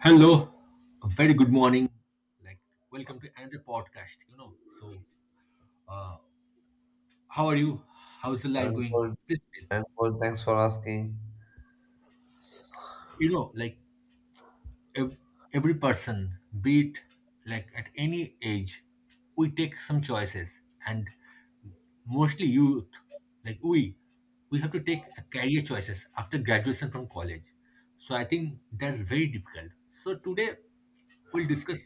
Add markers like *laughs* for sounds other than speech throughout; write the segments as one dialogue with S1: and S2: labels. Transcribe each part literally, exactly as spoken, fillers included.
S1: Hello, a very good morning. Like, welcome to another podcast. You know, so uh, how are you? How's the life
S2: I'm
S1: going?
S2: good.
S1: Please tell.
S2: I'm good. Thanks for asking.
S1: You know, like ev- every person, be it like at any age, we take some choices, and mostly youth, like we, we have to take a career choices after graduation from college. So I think that's very difficult. So today we'll discuss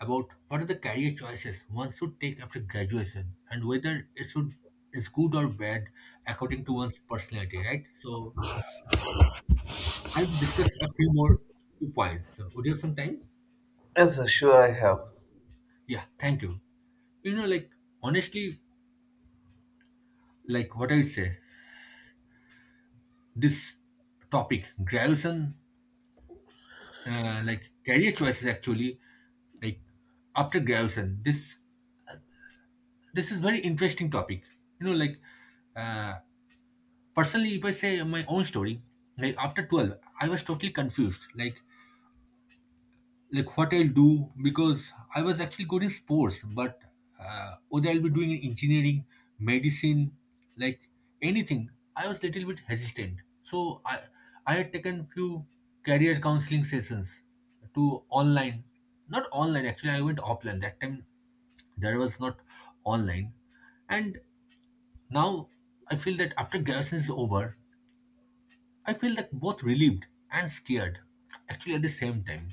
S1: about what are the career choices one should take after graduation and whether it should is good or bad according to one's personality, right? So I'll discuss a few more points. So would you have some time?
S2: Yes, sir, sure, I have.
S1: Yeah, thank you. You know, like honestly, like what I would say, this topic, Grayson, uh, like career choices, actually, like after Grayson, this this is very interesting topic. You know, like uh, personally, if I say my own story, like after twelve, I was totally confused. Like like what I'll do because I was actually good in sports, but uh, whether I'll be doing engineering, medicine, like anything, I was little bit hesitant. So I I had taken few career counseling sessions to online, not online actually. I went offline that time. There was not online, and now I feel that after garrison is over, I feel like both relieved and scared actually at the same time,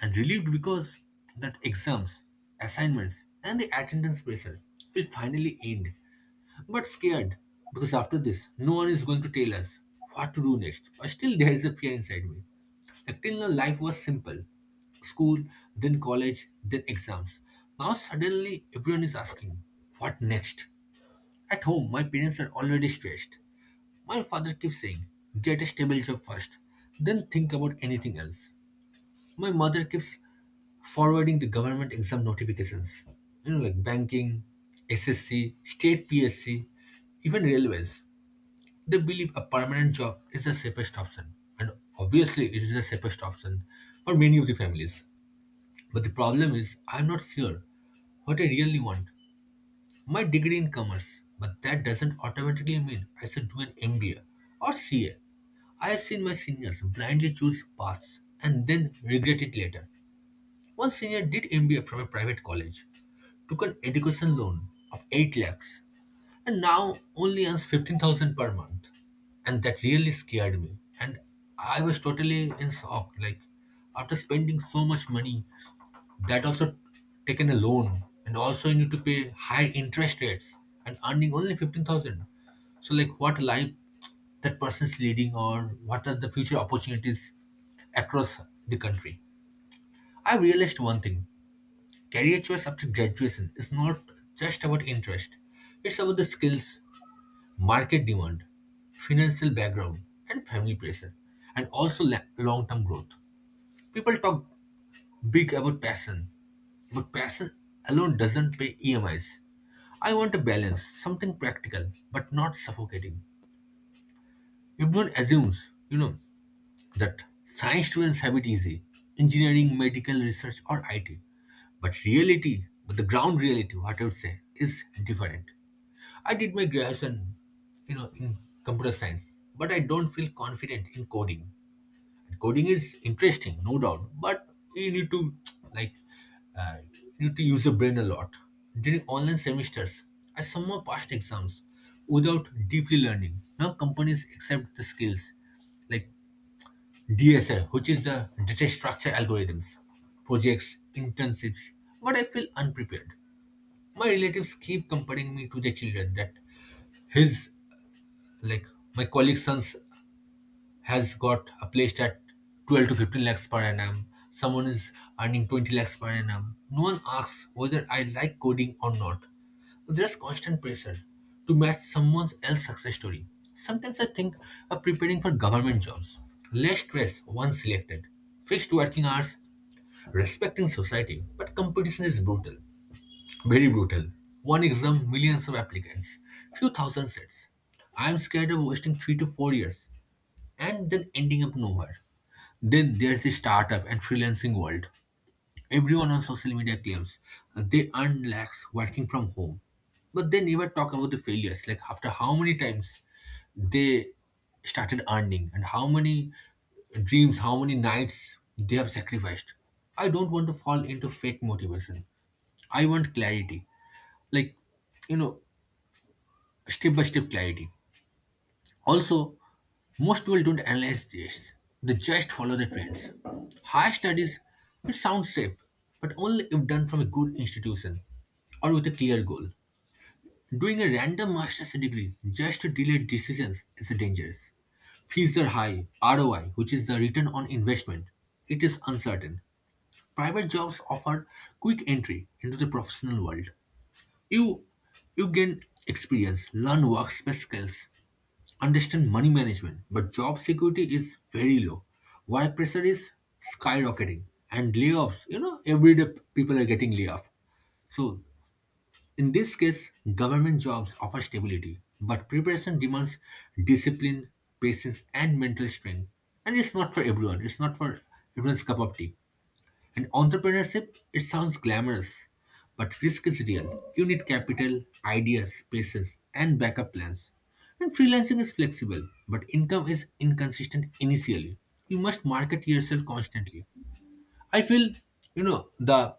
S1: and relieved because that exams, assignments, and the attendance pressure will finally end. But scared because after this, no one is going to tell us what to do next. But still, there is a fear inside me. Like till now, life was simple, school, then college, then exams. Now, suddenly, everyone is asking, what next? At home, my parents are already stressed. My father keeps saying, get a stable job first, then think about anything else. My mother keeps forwarding the government exam notifications, you know, like banking, S S C, state P S C, even railways. They believe a permanent job is the safest option, and obviously, it is the safest option for many of the families. But the problem is, I'm not sure what I really want. My degree in commerce, but that doesn't automatically mean I should do an M B A or C A. I have seen my seniors blindly choose paths and then regret it later. One senior did M B A from a private college, took an education loan of eight lakhs, and now only earns fifteen thousand per month. And that really scared me. And I was totally in shock. Like, after spending so much money, that also taken a loan, and also you need to pay high interest rates and earning only fifteen thousand. So, like, what life that person is leading, or what are the future opportunities across the country? I realized one thing, career choice after graduation is not just about interest, it's about the skills, market demand, financial background, and family pressure, and also long term growth. People talk big about passion, but passion alone doesn't pay E M Is. I want a balance, something practical, but not suffocating. Everyone assumes, you know, that science students have it easy, engineering, medical research, or IT, but reality, but the ground reality, what I would say, is different. I did my graduation, you know in computer science, but I don't feel confident in coding. Coding is interesting, no doubt, but you need to like uh, you need to use your brain a lot during online semesters. I somehow passed exams without deeply learning. Now companies accept the skills like D S A, which is the data structure algorithms, projects, internships, but I feel unprepared. My relatives keep comparing me to their children, that his, like, my colleague's son's has got a placed at twelve to fifteen lakhs per annum. Someone is earning twenty lakhs per annum. No one asks whether I like coding or not. There's constant pressure to match someone else's success story. Sometimes I think of preparing for government jobs. Less stress once selected. Fixed working hours, respecting society. But competition is brutal. Very brutal. One exam, millions of applicants. Few thousand sets. I am scared of wasting three to four years and then ending up nowhere. Then there's the startup and freelancing world. Everyone on social media claims they earn lakhs working from home, but they never talk about the failures. Like after how many times they started earning, and how many dreams, how many nights they have sacrificed. I don't want to fall into fake motivation. I want clarity, like, you know, step by step clarity. Also, most people don't analyze this, they just follow the trends. Higher studies, it sounds safe, but only if done from a good institution or with a clear goal. Doing a random master's degree just to delay decisions is dangerous. Fees are high, R O I, which is the return on investment, it is uncertain. Private jobs offer quick entry into the professional world. You you gain experience, learn workspace skills, understand money management, but job security is very low. Work pressure is skyrocketing, and layoffs, you know, every day people are getting laid off. So, in this case, government jobs offer stability, but preparation demands discipline, patience, and mental strength. And it's not for everyone, it's not for everyone's cup of tea. And entrepreneurship, it sounds glamorous, but risk is real. You need capital, ideas, patience, and backup plans. And freelancing is flexible, but income is inconsistent initially. You must market yourself constantly. I feel, you know, the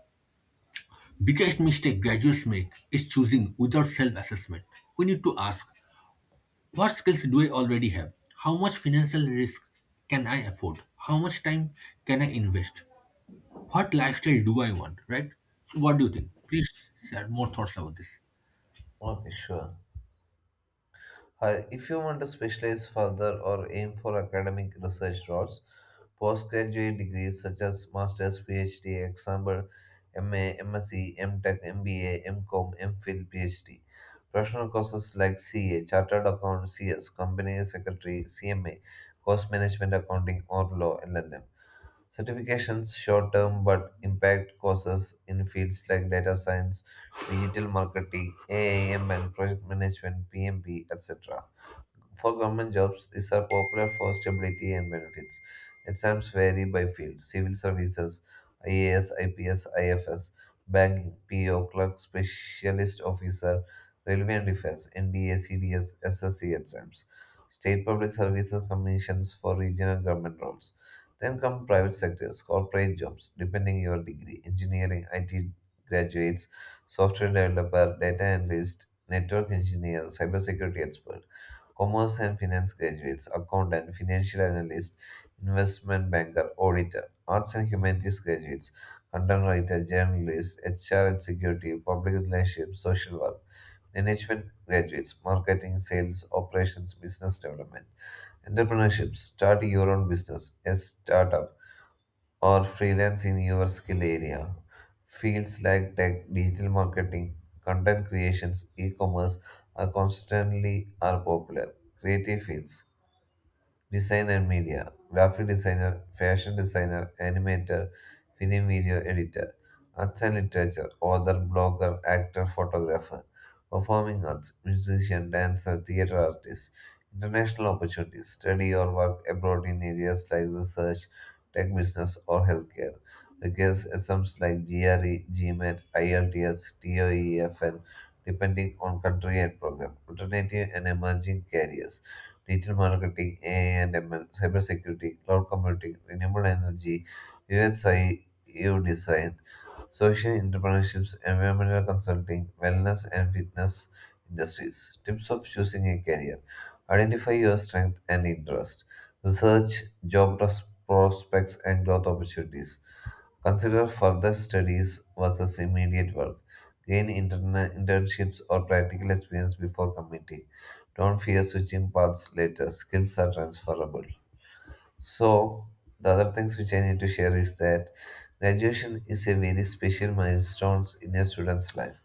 S1: biggest mistake graduates make is choosing without self assessment. We need to ask, what skills do I already have? How much financial risk can I afford? How much time can I invest? What lifestyle do I want, right? So what do you think? Please share more thoughts about this.
S2: Okay, sure. Hi, if you want to specialize further or aim for academic research roles, postgraduate degrees such as Master's, PhD, example, M A, MSc, MTech, M B A, MCom, MPhil, PhD. Professional courses like C A, Chartered Accountant, C S, Company Secretary, C M A, Course Management Accounting, or Law, L L M. Certifications short term but impact courses in fields like data science, digital marketing, A I M and project management, P M P, et cetera. For government jobs, these are popular for stability and benefits. Exams vary by field civil services, IAS, IPS, IFS, banking, PO, clerk, specialist officer, railway and defense, N D A, C D S, S S C exams, state public services commissions for regional government roles. Then come private sectors, corporate jobs, depending your degree, engineering, I T graduates, software developer, data analyst, network engineer, cybersecurity expert commerce and finance graduates, accountant, financial analyst, investment banker, auditor, arts and humanities graduates, content writer, journalist, H R executive, public relations, social work, management graduates, marketing, sales, operations, business development, entrepreneurship, start your own business, a startup, or freelance in your skill area. Fields like tech, digital marketing, content creations, e-commerce are constantly are popular. Creative fields. Design and media graphic designer, fashion designer, animator, film video editor, arts and literature, author, blogger, actor, photographer, performing arts, musician, dancer, theater artist, international opportunities, study or work abroad in areas like research, tech business, or healthcare. Requires exams like GRE, GMAT, IELTS, TOEFL, depending on country and program. Alternative and emerging careers digital marketing, A I and M L, cybersecurity, cloud computing, renewable energy, U S I, design, social entrepreneurships, environmental consulting, wellness and fitness industries. Tips of choosing a career. Identify your strength and interest. Research job pros- prospects and growth opportunities. Consider further studies versus immediate work. Gain interna- internships or practical experience before committing. Don't fear switching paths later. Skills are transferable. So, the other things which I need to share is that graduation is a very special milestone in a student's life.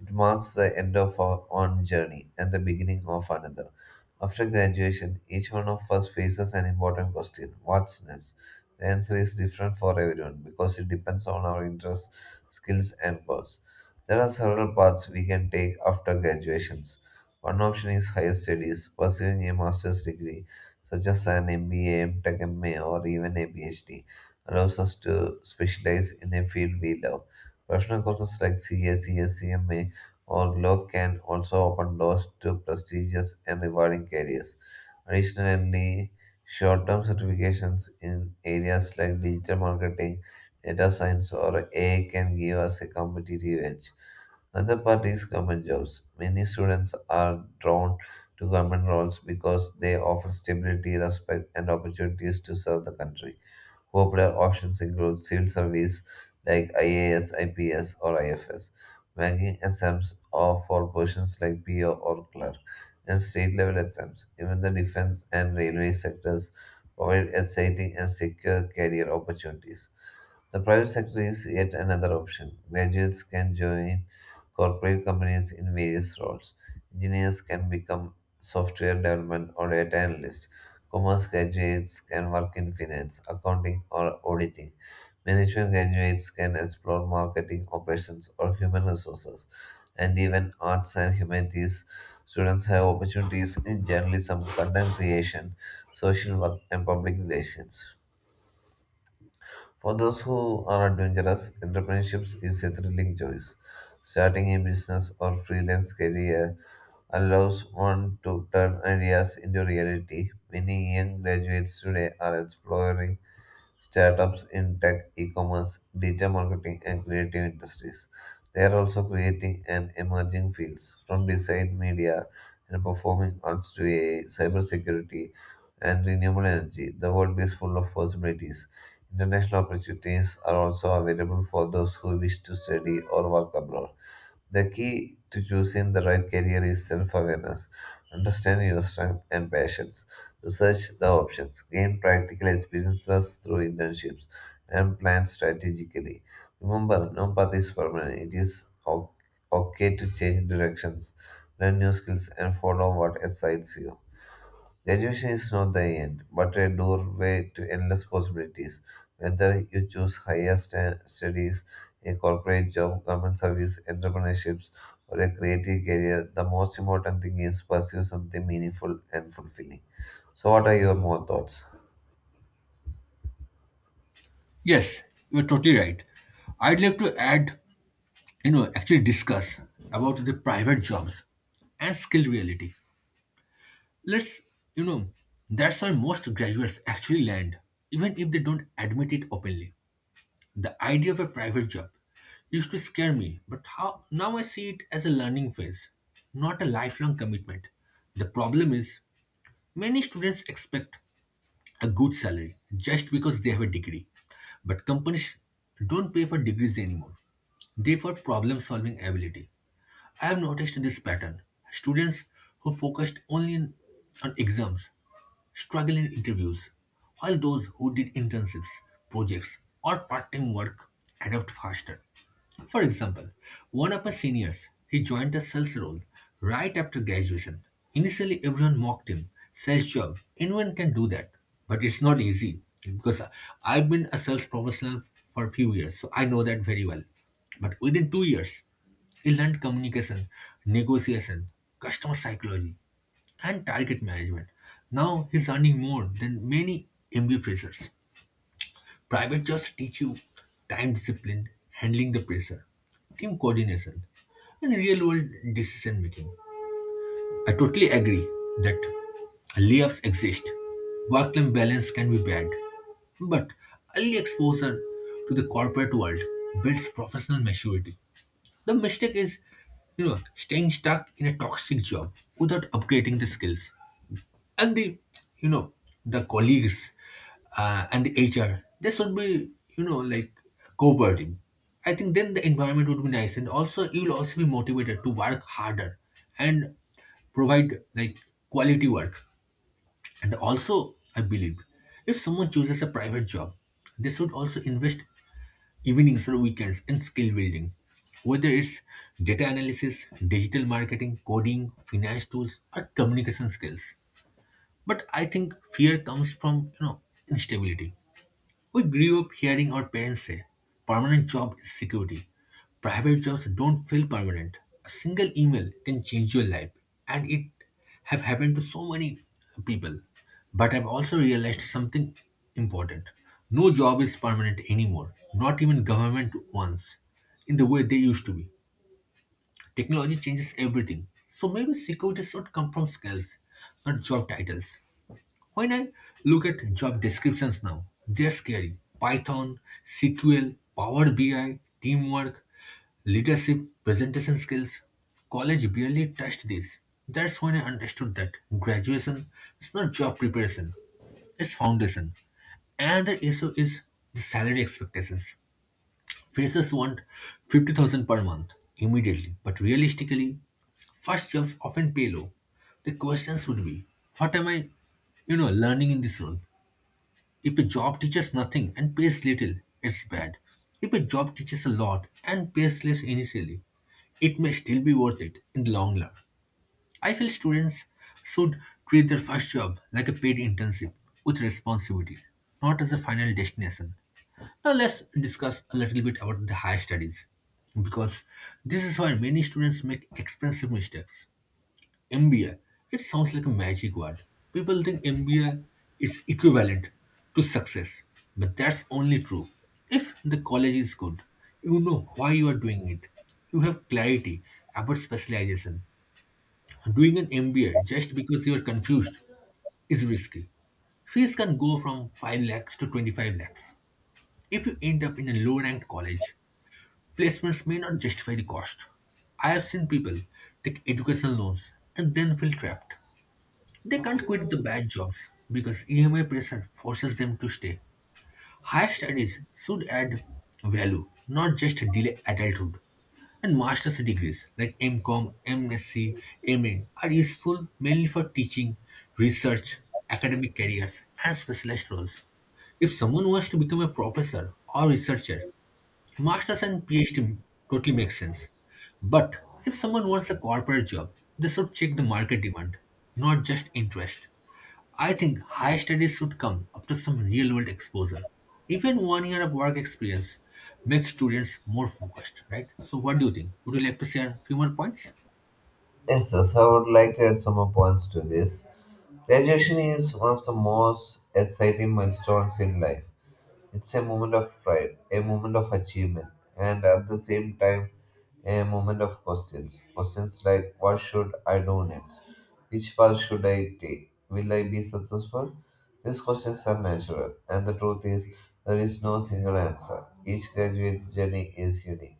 S2: It marks the end of our own journey and the beginning of another. After graduation, each one of us faces an important question: what's next? The answer is different for everyone because it depends on our interests, skills, and goals. There are several paths we can take after graduations. One option is higher studies, pursuing a master's degree, such as an M B A, MTech, M A, or even a PhD, allows us to specialize in a field we love. Professional courses like C A, or luck can also open doors to prestigious and rewarding careers. Additionally, short term certifications in areas like digital marketing, data science, or A I can give us a competitive edge. Another part is government jobs. Many students are drawn to government roles because they offer stability, respect, and opportunities to serve the country. Popular options include civil service like I A S, I P S, or I F S, banking exams are for positions like P O or clerk, and state level exams. Even the defense and railway sectors provide exciting and secure career opportunities. The private sector is yet another option. Graduates can join corporate companies in various roles. Engineers can become software development or data analyst. Commerce graduates can work in finance, accounting, or auditing. Management graduates can explore marketing, operations, or human resources. And even arts and humanities students have opportunities in journalism, content creation, social work, and public relations. For those who are adventurous, entrepreneurship is a thrilling choice. Starting a business or freelance career allows one to turn ideas into reality. Many young graduates today are exploring startups in tech, e-commerce, digital marketing, and creative industries. They are also creating and emerging fields from design, media, and performing arts to A I, cybersecurity, and renewable energy. The world is full of possibilities. International opportunities are also available for those who wish to study or work abroad. The key to choosing the right career is self awareness. Understand your strengths and passions. Research the options. Gain practical experiences through internships and plan strategically. Remember, no path is permanent. It is o- okay to change directions, learn new skills, and follow what excites you. Graduation is not the end, but a doorway to endless possibilities. Whether you choose higher sta- studies, a corporate job, government service, entrepreneurships, or a creative career, the most important thing is pursue something meaningful and fulfilling. So, what are your more thoughts?
S1: Yes, you're totally right. I'd like to add, you know, actually discuss about the private jobs and skill reality. Let's, you know, that's why most graduates actually land, even if they don't admit it openly. The idea of a private job used to scare me, but how now I see it as a learning phase, not a lifelong commitment. The problem is, many students expect a good salary just because they have a degree. But companies don't pay for degrees anymore. They for problem solving ability. I have noticed this pattern. Students who focused only in- on exams struggle in interviews, while those who did internships, projects, or part time work adapt faster. For example, one of my seniors, he joined a sales role right after graduation. Initially, everyone mocked him. Sales job, anyone can do that. But it's not easy because I- have been a sales professional for a few years, so I know that very well. But within two years, he learned communication, negotiation, customer psychology, and target management. Now he's earning more than many M B A freshers. Private jobs teach you time discipline, handling the pressure, team coordination, and real world decision making. I totally agree that layoffs exist. Work life balance can be bad, but early exposure to the corporate world builds professional maturity. The mistake is, you know, staying stuck in a toxic job without upgrading the skills, and the you know the colleagues, uh, and the HR, they should be you know like cooperative. I think then the environment would be nice, and also you'll also be motivated to work harder and provide like quality work. And also I believe, if someone chooses a private job, they should also invest evenings or weekends in skill building, whether it's data analysis, digital marketing, coding, finance tools, or communication skills. But I think fear comes from, you know, instability. We grew up hearing our parents say, permanent job is security. Private jobs don't feel permanent. A single email can change your life. And it have happened to so many people. But I've also realized something important. No job is permanent anymore, not even government ones, in the way they used to be. Technology changes everything. So maybe security should come from skills, not job titles. When I look at job descriptions now, they're scary. Python, S Q L, Power B I, teamwork, leadership, presentation skills. College barely touched this. That's when I understood that graduation is not job preparation, it's foundation. And the issue is the salary expectations. Freshers want fifty thousand per month immediately, but realistically, first jobs often pay low. The questions would be, what am I, you know, learning in this role? If a job teaches nothing and pays little, it's bad. If a job teaches a lot and pays less initially, it may still be worth it in the long run. I feel students should treat their first job like a paid internship with responsibility, not as a final destination. Now let's discuss a little bit about the higher studies, because this is where many students make expensive mistakes. M B A. It sounds like a magic word. People think M B A is equivalent to success, but that's only true if the college is good. You know why you are doing it. You have clarity about specialization. Doing an M B A just because you are confused is risky. Fees can go from five lakhs to twenty-five lakhs. If you end up in a low ranked college, placements may not justify the cost. I have seen people take educational loans and then feel trapped. They can't quit the bad jobs because E M I pressure forces them to stay. Higher studies should add value, not just delay adulthood. And master's degrees like M com, MSc, M A are useful mainly for teaching, research, academic careers, and specialized roles. If someone wants to become a professor or researcher, Masters and PhD totally makes sense. But if someone wants a corporate job, they should check the market demand, not just interest. I think higher studies should come after some real world exposure. Even one year of work experience makes students more focused, right? So, what do you think? Would you like to share a few more points?
S2: Yes, sir. So I would like to add some more points to this. Graduation is one of the most exciting milestones in life. It's a moment of pride, a moment of achievement, and at the same time, a moment of questions. Questions like, what should I do next? Which path should I take? Will I be successful? These questions are natural, and the truth is, there is no single answer. Each graduate journey is unique.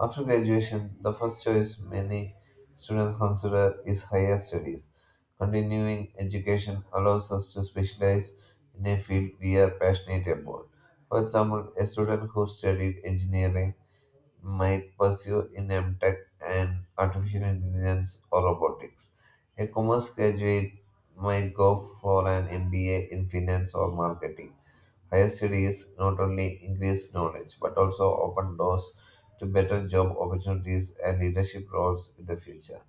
S2: After graduation, the first choice many students consider is higher studies. Continuing education allows us to specialize in a field we are passionate about. For example, a student who studied engineering might pursue in MTech and artificial intelligence or robotics. A commerce graduate might go for an M B A in finance or marketing. Higher studies not only increase knowledge but also open doors to better job opportunities and leadership roles in the future.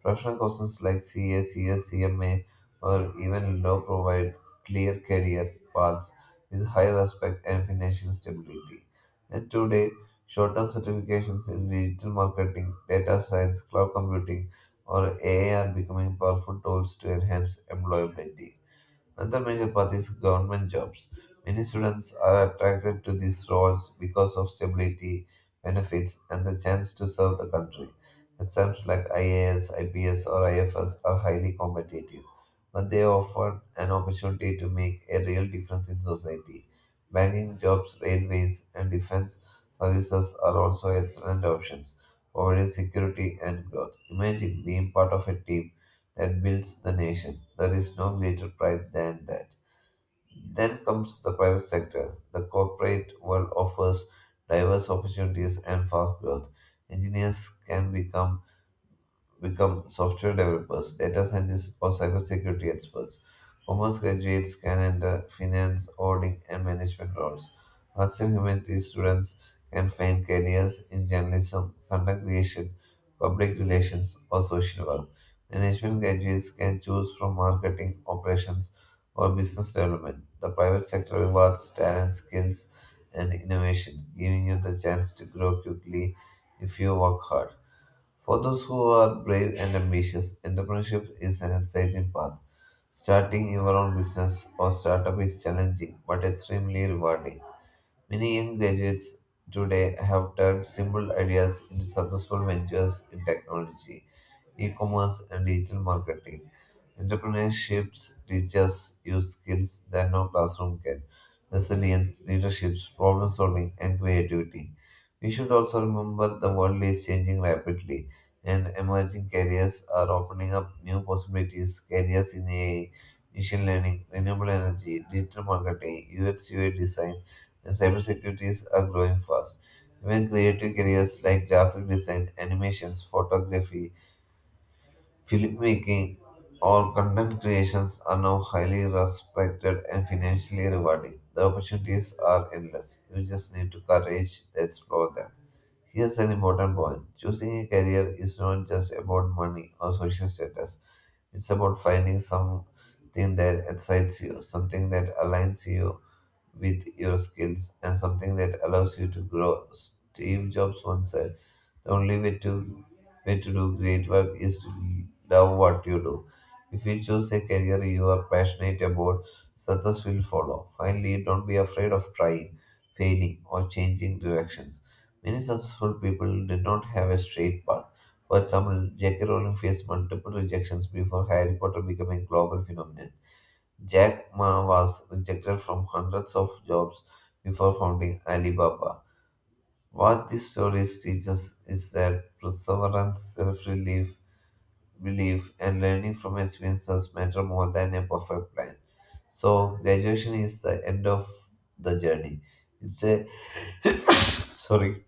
S2: Professional courses like C A, C S, C M A, or even law provide clear career paths with high respect and financial stability. And today, short term certifications in digital marketing, data science, cloud computing, or A I are becoming powerful tools to enhance employability. Another major part is government jobs. Many students are attracted to these roles because of stability, benefits, and the chance to serve the country. Exams like I A S, I P S, or I F S are highly competitive, but they offer an opportunity to make a real difference in society. Banking jobs, railways, and defense services are also excellent options, providing security and growth. Imagine being part of a team that builds the nation. There is no greater pride than that. Then comes the private sector. The corporate world offers diverse opportunities and fast growth. Engineers can become become software developers, data scientists, or cybersecurity experts. Commerce graduates can enter finance, auditing, and management roles. Arts and humanities students can find careers in journalism, content creation, public relations, or social work. Management graduates can choose from marketing, operations, or business development. The private sector rewards talent, skills, and innovation, giving you the chance to grow quickly if you work hard. For those who are brave and ambitious, entrepreneurship is an exciting path. Starting your own business or startup is challenging but extremely rewarding. Many young graduates today have turned simple ideas into successful ventures in technology, e commerce, and digital marketing. Entrepreneurship teaches you skills that no classroom can: resilience, leadership, problem solving, and creativity. We should also remember the world is changing rapidly, and emerging careers are opening up new possibilities. Careers in A I, machine learning, renewable energy, digital marketing, U X U I design, and cybersecurity are growing fast. Even creative careers like graphic design, animations, photography, filmmaking, or content creations are now highly respected and financially rewarding. The opportunities are endless. You just need to courage to explore them. Here's an important point. Choosing a career is not just about money or social status. It's about finding something that excites you, something that aligns you with your skills, and something that allows you to grow. Steve Jobs once said, the only way to way to do great work is to love what you do. If you choose a career you are passionate about, success will follow. Finally, don't be afraid of trying, failing, or changing directions. Many successful people did not have a straight path. For example, J K. Rowling faced multiple rejections before Harry Potter became a global phenomenon. Jack Ma was rejected from hundreds of jobs before founding Alibaba. What these stories teach us is that perseverance, self relief, belief, and learning from experiences matter more than a perfect plan. So, graduation is the end of the journey. It's a sorry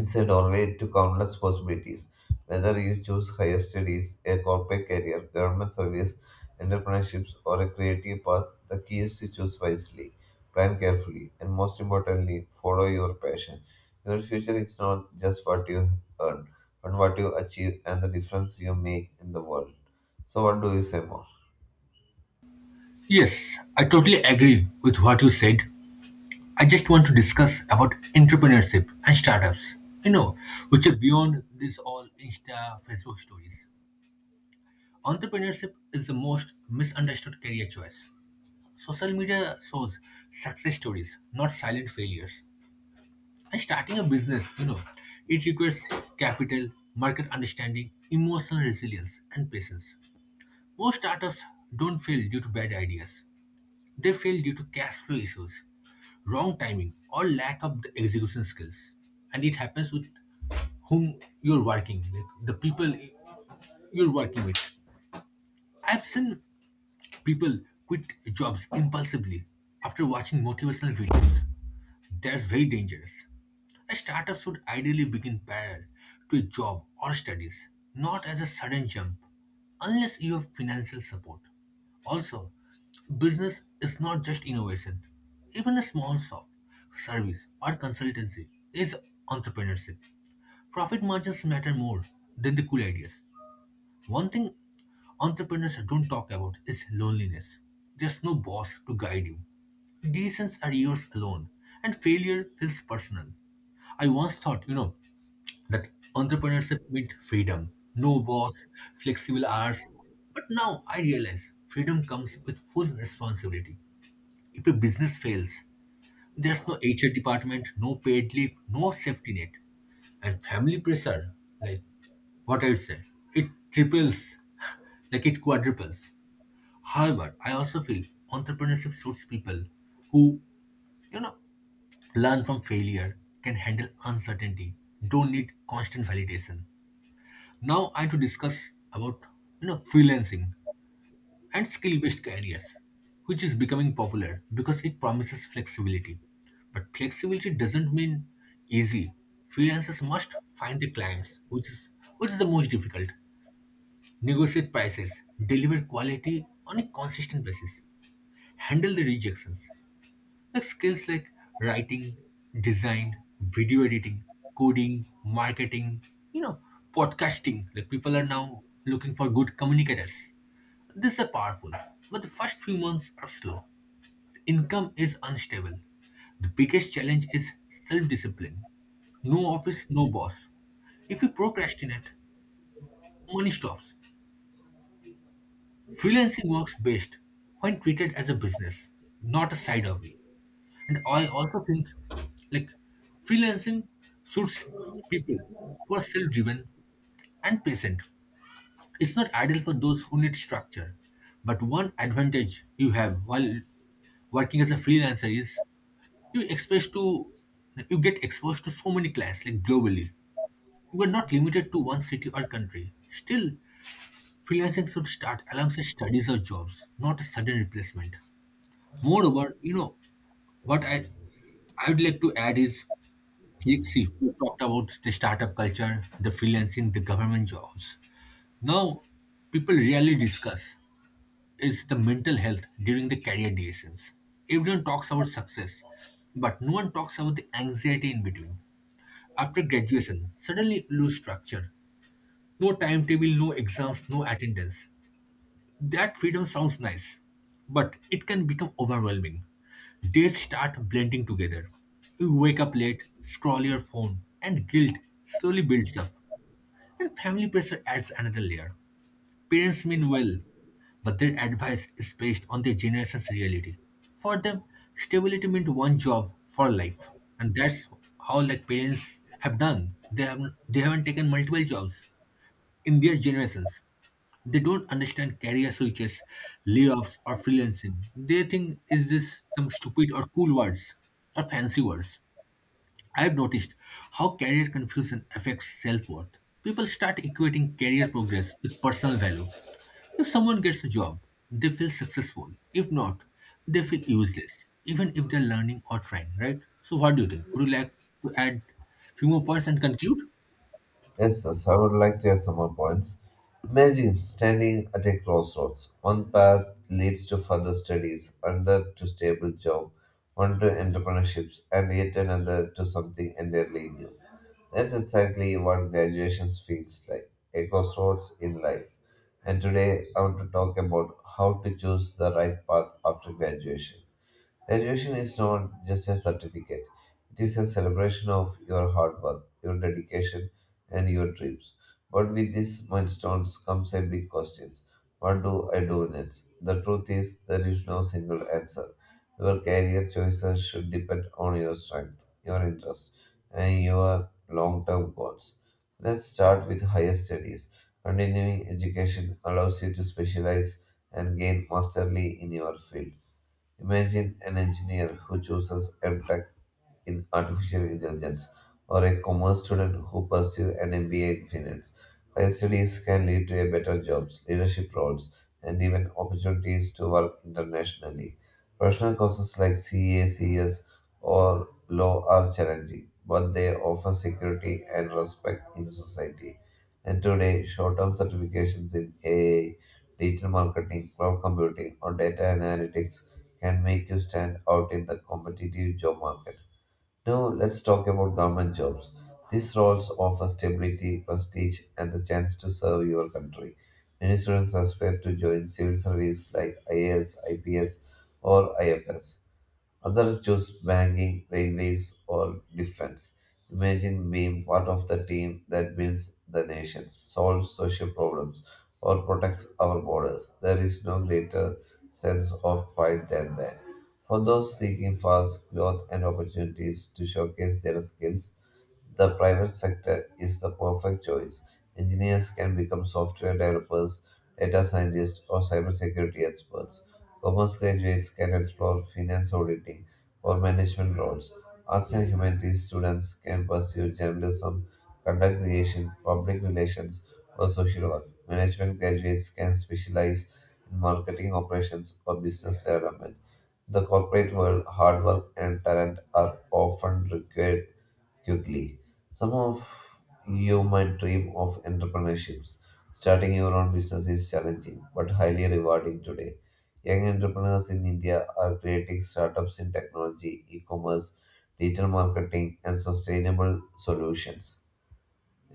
S2: it's a doorway to countless possibilities. Whether you choose higher studies, a corporate career, government service, entrepreneurships, or a creative path, the key is to choose wisely, plan carefully, and most importantly, follow your passion. Your future is not just what you earn, but what you achieve and the difference you make in the world. So, what do you say more?
S1: Yes, I totally agree with what you said. I just want to discuss about entrepreneurship and startups, you know, which are beyond this all Insta, Facebook stories. Entrepreneurship is the most misunderstood career choice. Social media shows success stories, not silent failures. And starting a business, you know, it requires capital, market understanding, emotional resilience, and patience. Most startups don't fail due to bad ideas. They fail due to cash flow issues, wrong timing, or lack of the execution skills. And it happens with whom you're working, like the people you're working with. I've seen People quit jobs impulsively after watching motivational videos. That's very dangerous. A startup should ideally begin parallel to a job or studies, not as a sudden jump, unless you have financial support. Also, business is not just innovation. Even a small shop, service, or consultancy is entrepreneurship. Profit margins matter more than the cool ideas. One thing entrepreneurs don't talk about is loneliness. There's no boss to guide you. Decisions are yours alone, and failure feels personal. I once thought, you know, that entrepreneurship meant freedom, no boss, flexible hours. But now I realize freedom comes with full responsibility. If a business fails, there's no H R department, no paid leave, no safety net. And family pressure, like what I'd say, it triples, *laughs* like it quadruples. However, I also feel entrepreneurship suits people who, you know, learn from failure, can handle uncertainty, don't need constant validation. Now I want to discuss about, you know, freelancing and skill based careers, which is becoming popular because it promises flexibility. But flexibility doesn't mean easy. Freelancers must find the clients, which is, which is the most difficult, negotiate prices, deliver quality on a consistent basis, handle the rejections. Like skills like writing, design, video editing, coding, marketing, you know, podcasting. Like people are now looking for good communicators, this is powerful, but the first few months are slow. The income is unstable. The biggest challenge is self discipline. No office, no boss. If you procrastinate, money stops. Freelancing works best when treated as a business, not a side hobby. And I also think like freelancing suits people who are self driven and patient. It's not ideal for those who need structure, but one advantage you have while working as a freelancer is you exposed to you get exposed to so many clients like globally. You are not limited to one city or country. Still, freelancing should start alongside studies or jobs, not a sudden replacement. Moreover, you know what I I would like to add is, you see, we talked about the startup culture, the freelancing, the government jobs. Now people rarely discuss is the mental health during the career decisions. Everyone talks about success, but no one talks about the anxiety in between. After graduation, suddenly lose structure. No timetable, no exams, no attendance. That freedom sounds nice, but it can become overwhelming. Days start blending together. You wake up late, scroll your phone, and guilt slowly builds up. And family pressure adds another layer. Parents mean well, but their advice is based on their generation's reality. For them, stability meant one job for life, and that's how like parents have done. They haven't they haven't taken multiple jobs in their generations. They don't understand career switches, layoffs, or freelancing. They think is this some stupid or cool words or fancy words. I've noticed how career confusion affects self worth. People start equating career progress with personal value. If someone gets a job, they feel successful. If not, they feel useless, even if they're learning or trying, right? So, what do you think? Would you like to add few more points and conclude?
S2: Yes, yes, I would like to add some more points. Imagine standing at a crossroads. One path leads to further studies, another to stable job, one to entrepreneurships, and yet another to something entirely new. That's exactly what graduation feels like, a crossroads in life. And today I want to talk about how to choose the right path after graduation. Graduation is not just a certificate, it is a celebration of your hard work, your dedication, and your dreams. But with these milestones comes a big question: what do I do next? The truth is, there is no single answer. Your career choices should depend on your strength, your interest, and your long term goals. Let's start with higher studies. Continuing education allows you to specialize and gain mastery in your field. Imagine an engineer who chooses a track in artificial intelligence, or a commerce student who pursues an M B A in finance. Higher studies can lead to a better jobs, leadership roles, and even opportunities to work internationally. Professional courses like C A, C S, or law are challenging, but they offer security and respect in society. And today, short-term certifications in A I, digital marketing, cloud computing, or data analytics can make you stand out in the competitive job market. Now, let's talk about government jobs. These roles offer stability, prestige, and the chance to serve your country. Many students aspire to join civil service like I A S, I P S, or I F S. Others choose banking, railways, or defense. Imagine being part of the team that builds the nations, solves social problems, or protects our borders. There is no greater sense of pride than that. For those seeking fast growth and opportunities to showcase their skills, the private sector is the perfect choice. Engineers can become software developers, data scientists, or cybersecurity experts. Commerce graduates can explore finance auditing or management roles. Arts and humanities students can pursue journalism, content creation, public relations, or social work. Management graduates can specialize in marketing operations or business development. In the corporate world, hard work and talent are often required quickly. Some of you might dream of entrepreneurships. Starting your own business is challenging but highly rewarding today. Young entrepreneurs in India are creating startups in technology, e commerce, digital marketing, and sustainable solutions.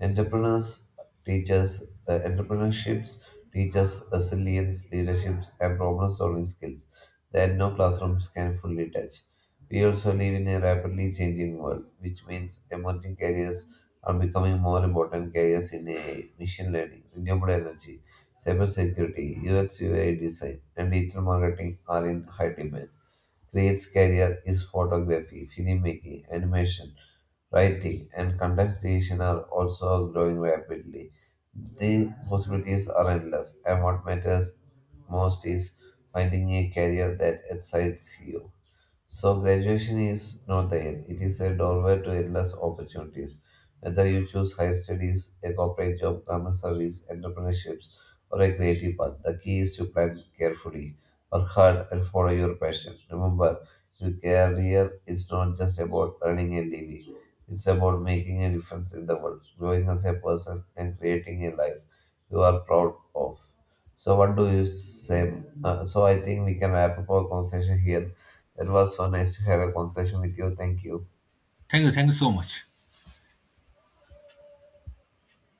S2: Entrepreneurs teaches uh, Entrepreneurships teaches resilience, leaderships, and problem-solving skills that no classrooms can fully touch. We also live in a rapidly changing world, which means emerging careers are becoming more important careers in A I, machine learning, renewable energy, cybersecurity, U X U I design, and digital marketing are in high demand. Creates career is photography, filmmaking, animation, writing, and content creation are also growing rapidly. The possibilities are endless, and what matters most is finding a career that excites you. So, graduation is not the end, it is a doorway to endless opportunities. Whether you choose higher studies, a corporate job, government service, entrepreneurships, or a creative path, the key is to plan carefully, work hard, and follow your passion. Remember, your career is not just about earning a living, it's about making a difference in the world, growing as a person, and creating a life you are proud of. So, what do you say? Uh, so, I think we can wrap up our conversation here. That was so nice to have a conversation with you. Thank you.
S1: Thank you. Thank you so much.